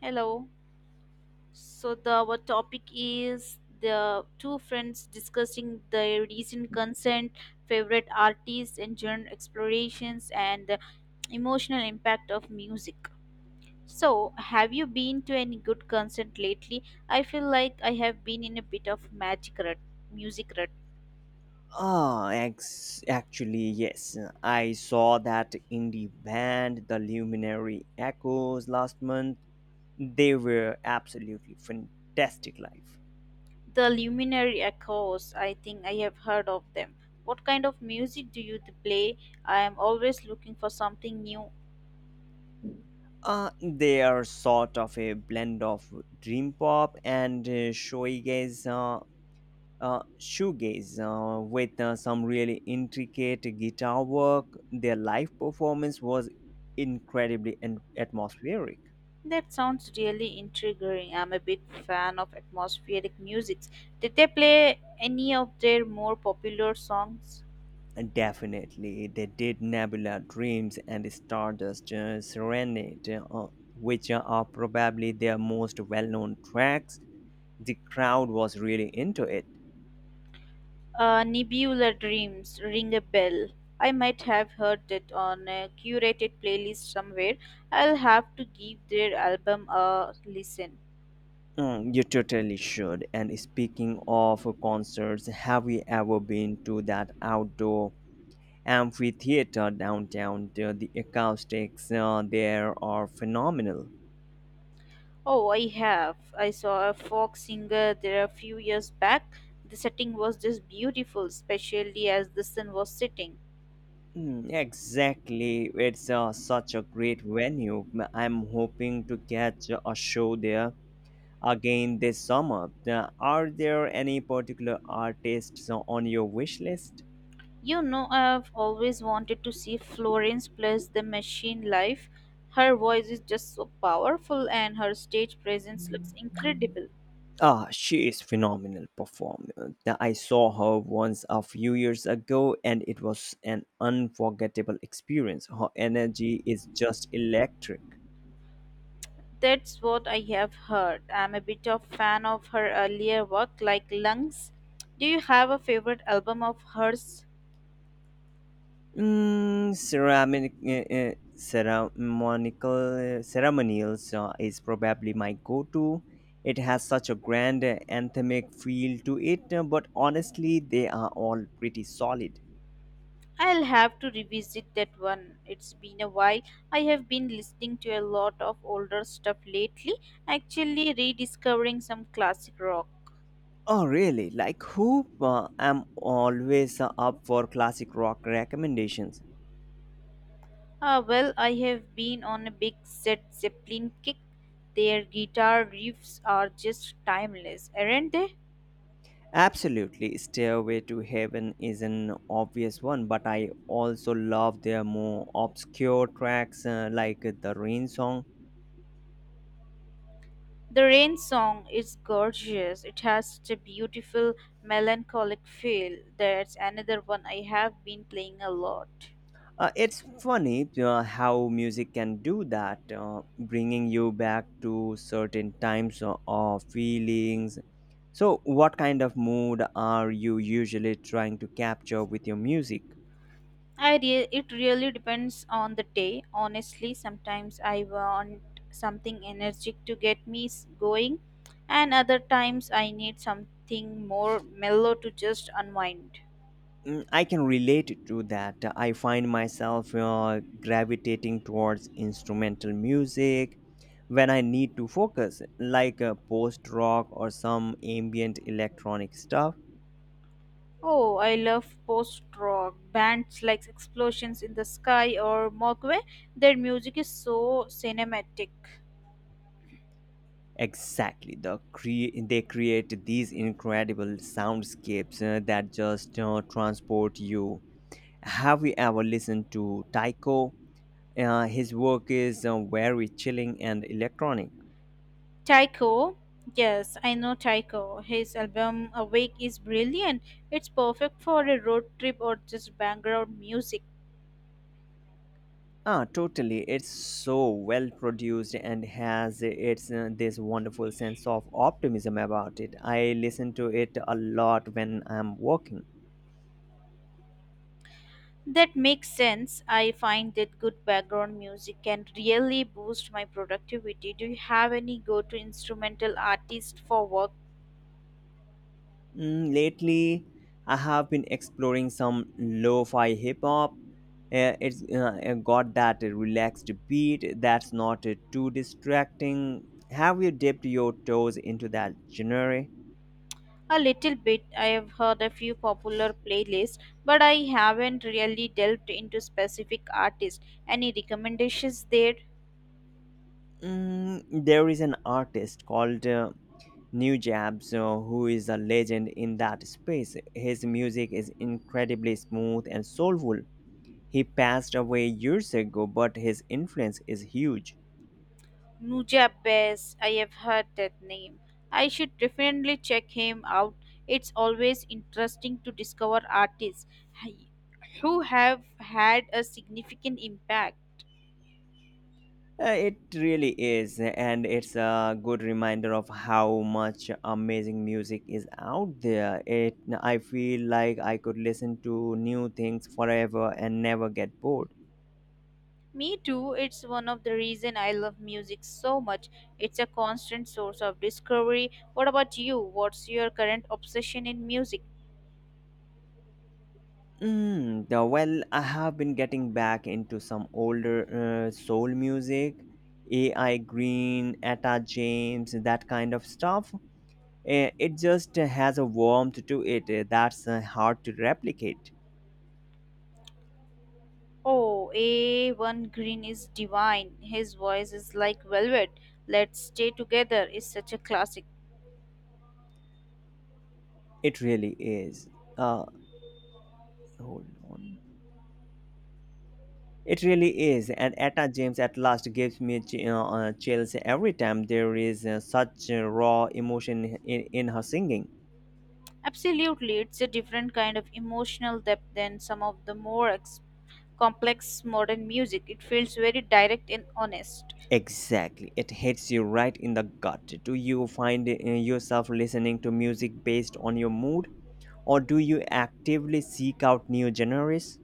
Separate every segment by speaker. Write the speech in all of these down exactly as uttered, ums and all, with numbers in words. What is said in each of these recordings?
Speaker 1: Hello. So the our topic is the two friends discussing their recent consent, favorite artists, and genre explorations, and the emotional impact of music. So, have you been to any good concert lately? I feel like I have been in a bit of magic rut, music rut.
Speaker 2: Ah, ex- actually, yes. I saw that indie band, The Luminary Echoes, last month. They were absolutely fantastic live.
Speaker 1: The Luminary Echoes, I think I have heard of them. What kind of music do you play? I am always looking for something new.
Speaker 2: Uh, they are sort of a blend of dream pop and uh, shoegaze, uh, uh, shoegaze uh, with uh, some really intricate guitar work. Their live performance was incredibly en- atmospheric.
Speaker 1: That sounds really intriguing. I'm a big fan of atmospheric music. Did they play any of their more popular songs?
Speaker 2: And Definitely, they did Nebula Dreams and Stardust uh, Serenade, uh, which are uh, probably their most well known tracks. The crowd was really into it.
Speaker 1: Uh, Nebula Dreams, Ring a Bell. I might have heard it on a curated playlist somewhere. I'll have to give their album a listen.
Speaker 2: Mm, you totally should. And speaking of concerts, have you ever been to that outdoor amphitheater downtown? The the acoustics uh, there are phenomenal.
Speaker 1: Oh, I have. I saw a folk singer there a few years back. The setting was just beautiful, especially as the sun was setting.
Speaker 2: Mm, exactly. It's uh, such a great venue. M- I'm hoping to catch a show there again this summer. Uh, Are there any particular artists on your wish list?
Speaker 1: You know, I've always wanted to see Florence plus the machine live. Her voice is just so powerful and her stage presence looks incredible.
Speaker 2: Ah, she is phenomenal performer. Uh, I saw her once a few years ago and it was an unforgettable experience. Her energy is just electric.
Speaker 1: That's what I have heard. I'm a bit of fan of her earlier work like Lungs. Do you have a favorite album of hers?
Speaker 2: Mm, ceramic, uh, uh, ceremonial, uh, ceremonials uh, is probably my go-to. It has such a grand uh, anthemic feel to it, uh, but honestly, they are all pretty solid.
Speaker 1: I'll have to revisit that one. It's been a while. I have been listening to a lot of older stuff lately, actually rediscovering some classic rock.
Speaker 2: Oh, really? Like who? Uh, I'm always uh, up for classic rock recommendations.
Speaker 1: Ah, well, I have been on a big Set Zeppelin kick. Their guitar riffs are just timeless, aren't they?
Speaker 2: Absolutely, Stairway to Heaven is an obvious one, but I also love their more obscure tracks uh, like the Rain Song.
Speaker 1: The rain song is gorgeous. It has such a beautiful, melancholic feel. That's another one I have been playing a lot.
Speaker 2: Uh, it's funny uh, how music can do that, uh, bringing you back to certain times or, or feelings. So, what kind of mood are you usually trying to capture with your music?
Speaker 1: I re- it really depends on the day. Honestly, sometimes I want something energetic to get me s- going, and other times I need something more mellow to just unwind.
Speaker 2: Mm, I can relate to that. I find myself uh, gravitating towards instrumental music when I need to focus, like uh, post rock or some ambient electronic stuff.
Speaker 1: Oh, I love post rock bands like Explosions in the Sky or Mogwai. Their music is so cinematic.
Speaker 2: Exactly. The cre- They create these incredible soundscapes uh, that just uh, transport you. Have you ever listened to Taiko? Uh, his work is uh, very chilling and electronic.
Speaker 1: Tycho, yes, I know Tycho. His album Awake is brilliant. It's perfect for a road trip or just background music.
Speaker 2: Ah, totally. It's so well produced and has uh, its uh, this wonderful sense of optimism about it. I listen to it a lot when I'm working.
Speaker 1: That makes sense. I find that good background music can really boost my productivity. Do you have any go to instrumental artist for work?
Speaker 2: Mm, lately, I have been exploring some lo-fi hip hop. Uh, it's uh, uh, got that relaxed beat that's not uh, too distracting. Have you dipped your toes into that genre?
Speaker 1: A little bit. I have heard a few popular playlists, but I haven't really delved into specific artists. Any recommendations there?
Speaker 2: Mm, there is an artist called uh, New Jabs uh, who is a legend in that space. His music is incredibly smooth and soulful. He passed away years ago, but his influence is huge.
Speaker 1: Nuja Bass, I have heard that name. I should definitely check him out. It's always interesting to discover artists who have had a significant impact.
Speaker 2: Uh, it really is, and it's a good reminder of how much amazing music is out there. It, I feel like I could listen to new things forever and never get bored.
Speaker 1: Me too, it's one of the reason I love music so much. It's a constant source of discovery. What about you? What's your current obsession in music?
Speaker 2: Mm, the- well, I have been getting back into some older uh, soul music, A I. Green, Etta James, that kind of stuff. Eh, It just has a warmth to it eh, that's uh, hard to replicate.
Speaker 1: Oh, A one Green is divine. His voice is like velvet. Let's Stay Together is such a classic.
Speaker 2: It really is. Uh, Hold on. It really is, and Etta James at last gives me ch- you know, uh, chills every time there is uh, such uh, raw emotion in, in her singing.
Speaker 1: Absolutely, it's a different kind of emotional depth than some of the more ex- complex modern music. It feels very direct and honest.
Speaker 2: Exactly, it hits you right in the gut. Do you find uh, yourself listening to music based on your mood, or do you actively seek out new genres?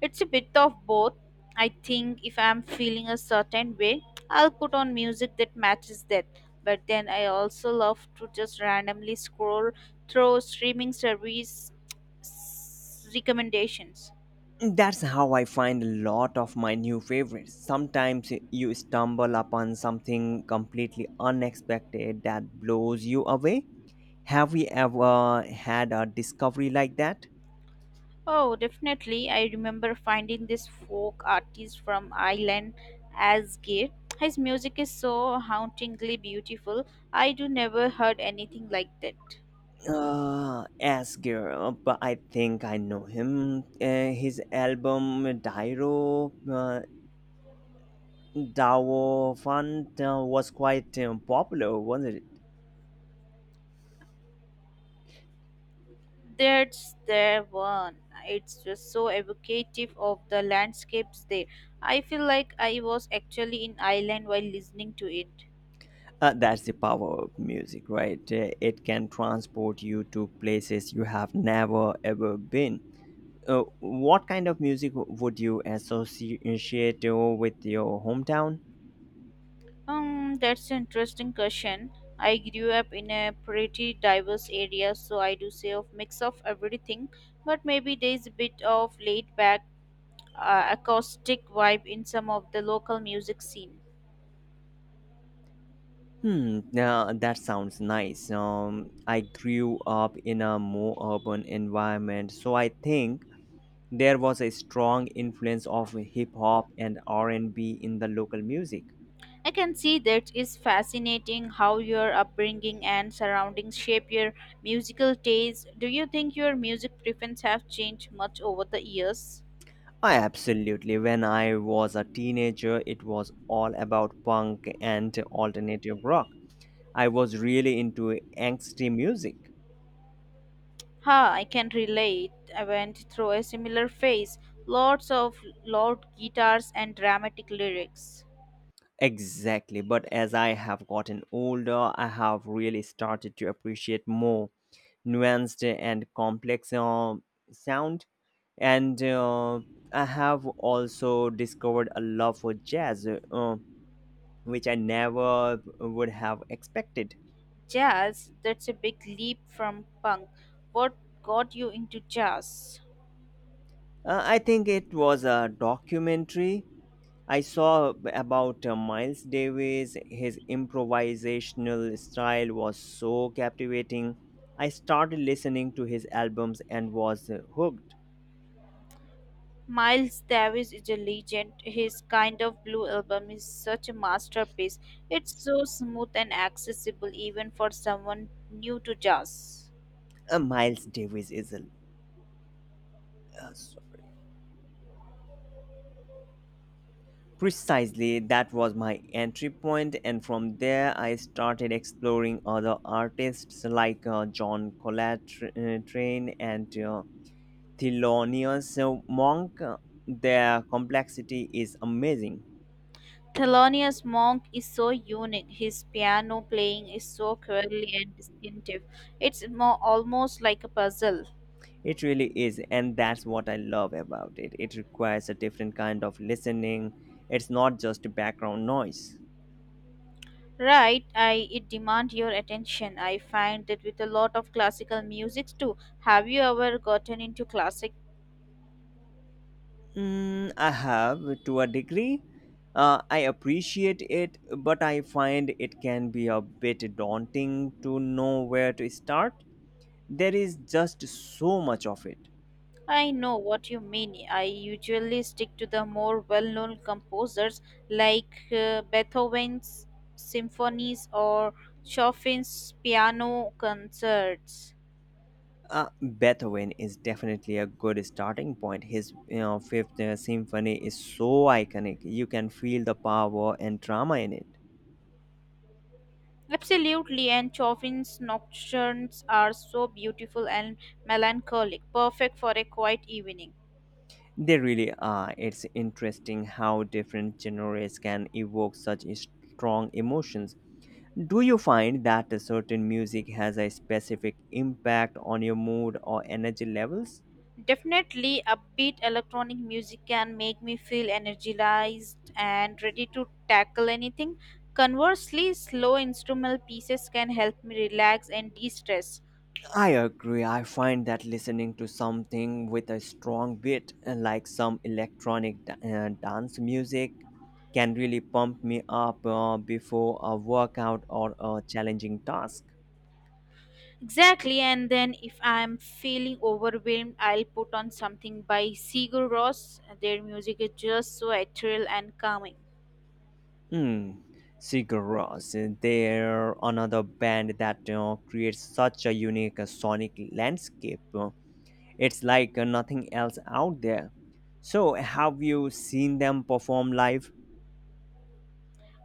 Speaker 1: It's a bit of both. I think if I'm feeling a certain way, I'll put on music that matches that. But then I also love to just randomly scroll through streaming service s- recommendations.
Speaker 2: That's how I find a lot of my new favorites. Sometimes eh, you stumble upon something completely unexpected that blows you away. Have you ever had a discovery like that?
Speaker 1: Oh, definitely. I remember finding this folk artist from Ireland, Asgir. His music is so hauntingly beautiful. I do never heard anything like that.
Speaker 2: Uh, S girl, but I think I know him. Uh, his album eh, Dairo uh, Dawo Fund uh, was quite um, popular, wasn't it?
Speaker 1: That's their one. It's just so evocative of the landscapes there. I feel like I was actually in Ireland while listening to it.
Speaker 2: Uh, that's the power of music, right? Uh, It can transport you to places you have never ever been. Uh, what kind of music w- would you associate uh, with your hometown?
Speaker 1: Um, that's an interesting question. I grew up in a pretty diverse area, so I do say of mix of everything, but maybe there's a bit of laid back uh, acoustic vibe in some of the local music scene.
Speaker 2: Hmm, uh, that sounds nice. Um, I grew up in a more urban environment, so I think there was a strong influence of hip hop and R and B in the local music.
Speaker 1: I can see that is fascinating how your upbringing and surroundings shape your musical taste. Do you think your music preferences have changed much over the years?
Speaker 2: I absolutely. When I was a teenager, it was all about punk and alternative rock. I was really into angsty music.
Speaker 1: Ha, I can relate. I went through a similar phase. Lots of loud guitars and dramatic lyrics.
Speaker 2: Exactly. But as I have gotten older, I have really started to appreciate more nuanced and complex uh, sound. And uh, I have also discovered a love for jazz, uh, which I never would have expected.
Speaker 1: Jazz, that's a big leap from punk. What got you into jazz?
Speaker 2: Uh, I think it was a documentary I saw about uh, Miles Davis. His improvisational style was so captivating. I started listening to his albums and was uh, hooked.
Speaker 1: Miles Davis is a legend. His Kind of Blue album is such a masterpiece. It's so smooth and accessible even for someone new to jazz.
Speaker 2: Uh, Miles Davis is a uh, Sorry. Precisely, that was my entry point, and from there I started exploring other artists like uh, John Coltrane and uh, Thelonious Monk, their complexity is amazing.
Speaker 1: Thelonious Monk is so unique. His piano playing is so curly and distinctive. It's more, almost like a puzzle.
Speaker 2: It really is, and that's what I love about it. It requires a different kind of listening. It's not just background noise.
Speaker 1: Right, I it demand your attention. I find that with a lot of classical music too. Have you ever gotten into classic.
Speaker 2: Mm, I have, to a degree. Uh, I appreciate it, but I find it can be a bit daunting to know where to start. There is just so much of it.
Speaker 1: I know what you mean. I usually stick to the more well known composers like uh, Beethoven's symphonies or Chopin's piano concerts.
Speaker 2: Uh, Beethoven is definitely a good starting point. His you know, Fifth uh, Symphony is so iconic. You can feel the power and drama in it.
Speaker 1: Absolutely, and Chopin's nocturnes are so beautiful and melancholic, perfect for a quiet evening.
Speaker 2: They really are. It's interesting how different genres can evoke such strong emotions. Do you find that a certain music has a specific impact on your mood or energy levels?
Speaker 1: Definitely, upbeat electronic music can make me feel energized and ready to tackle anything. Conversely, slow instrumental pieces can help me relax and de stress.
Speaker 2: I agree. I find that listening to something with a strong beat, uh, like some electronic da- uh, dance music, can really pump me up uh, before a workout or a challenging task.
Speaker 1: Exactly, and then if I'm feeling overwhelmed, I'll put on something by Sigur Rós. Their music is just so ethereal and calming.
Speaker 2: Hmm. Sigaros, they're another band that uh, creates such a unique uh, sonic landscape. Uh, It's like uh, nothing else out there. So, have you seen them perform live?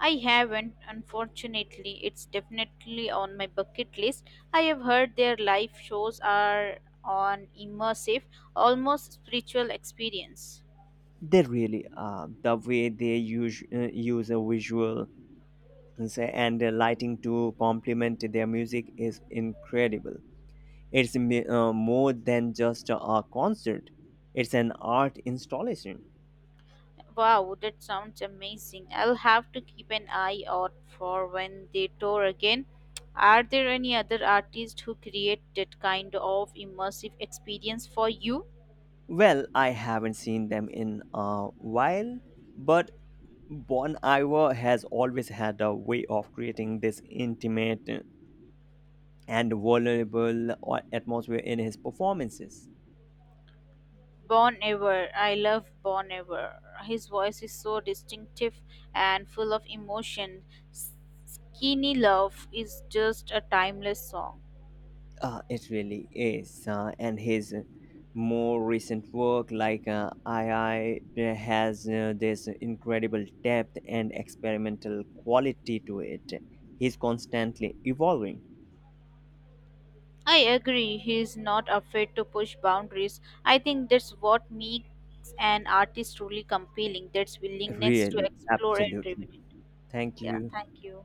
Speaker 1: I haven't, unfortunately. It's definitely on my bucket list. I have heard their live shows are an immersive, almost spiritual experience.
Speaker 2: They really are. The way they use, uh, use a visual and say- and a lighting to complement their music is incredible. It's mi- uh, more than just a concert, it's an art installation.
Speaker 1: Wow, that sounds amazing. I'll have to keep an eye out for when they tour again. Are there any other artists who create that kind of immersive experience for you?
Speaker 2: Well, I haven't seen them in a while, but Bon Iver has always had a way of creating this intimate and vulnerable uh, atmosphere in his performances.
Speaker 1: Bon Iver. I love Bon Iver. His voice is so distinctive and full of emotion. S- Skinny Love is just a timeless song.
Speaker 2: Uh, it really is. Uh, and his more recent work, like uh, two, has uh, this incredible depth and experimental quality to it. He's constantly evolving.
Speaker 1: I agree. He is not afraid to push boundaries. I think that's what makes an artist truly compelling. That's willingness to
Speaker 2: Really,
Speaker 1: explore and
Speaker 2: absolutely.
Speaker 1: revive.
Speaker 2: Thank
Speaker 1: Yeah.
Speaker 2: you.
Speaker 1: Thank you.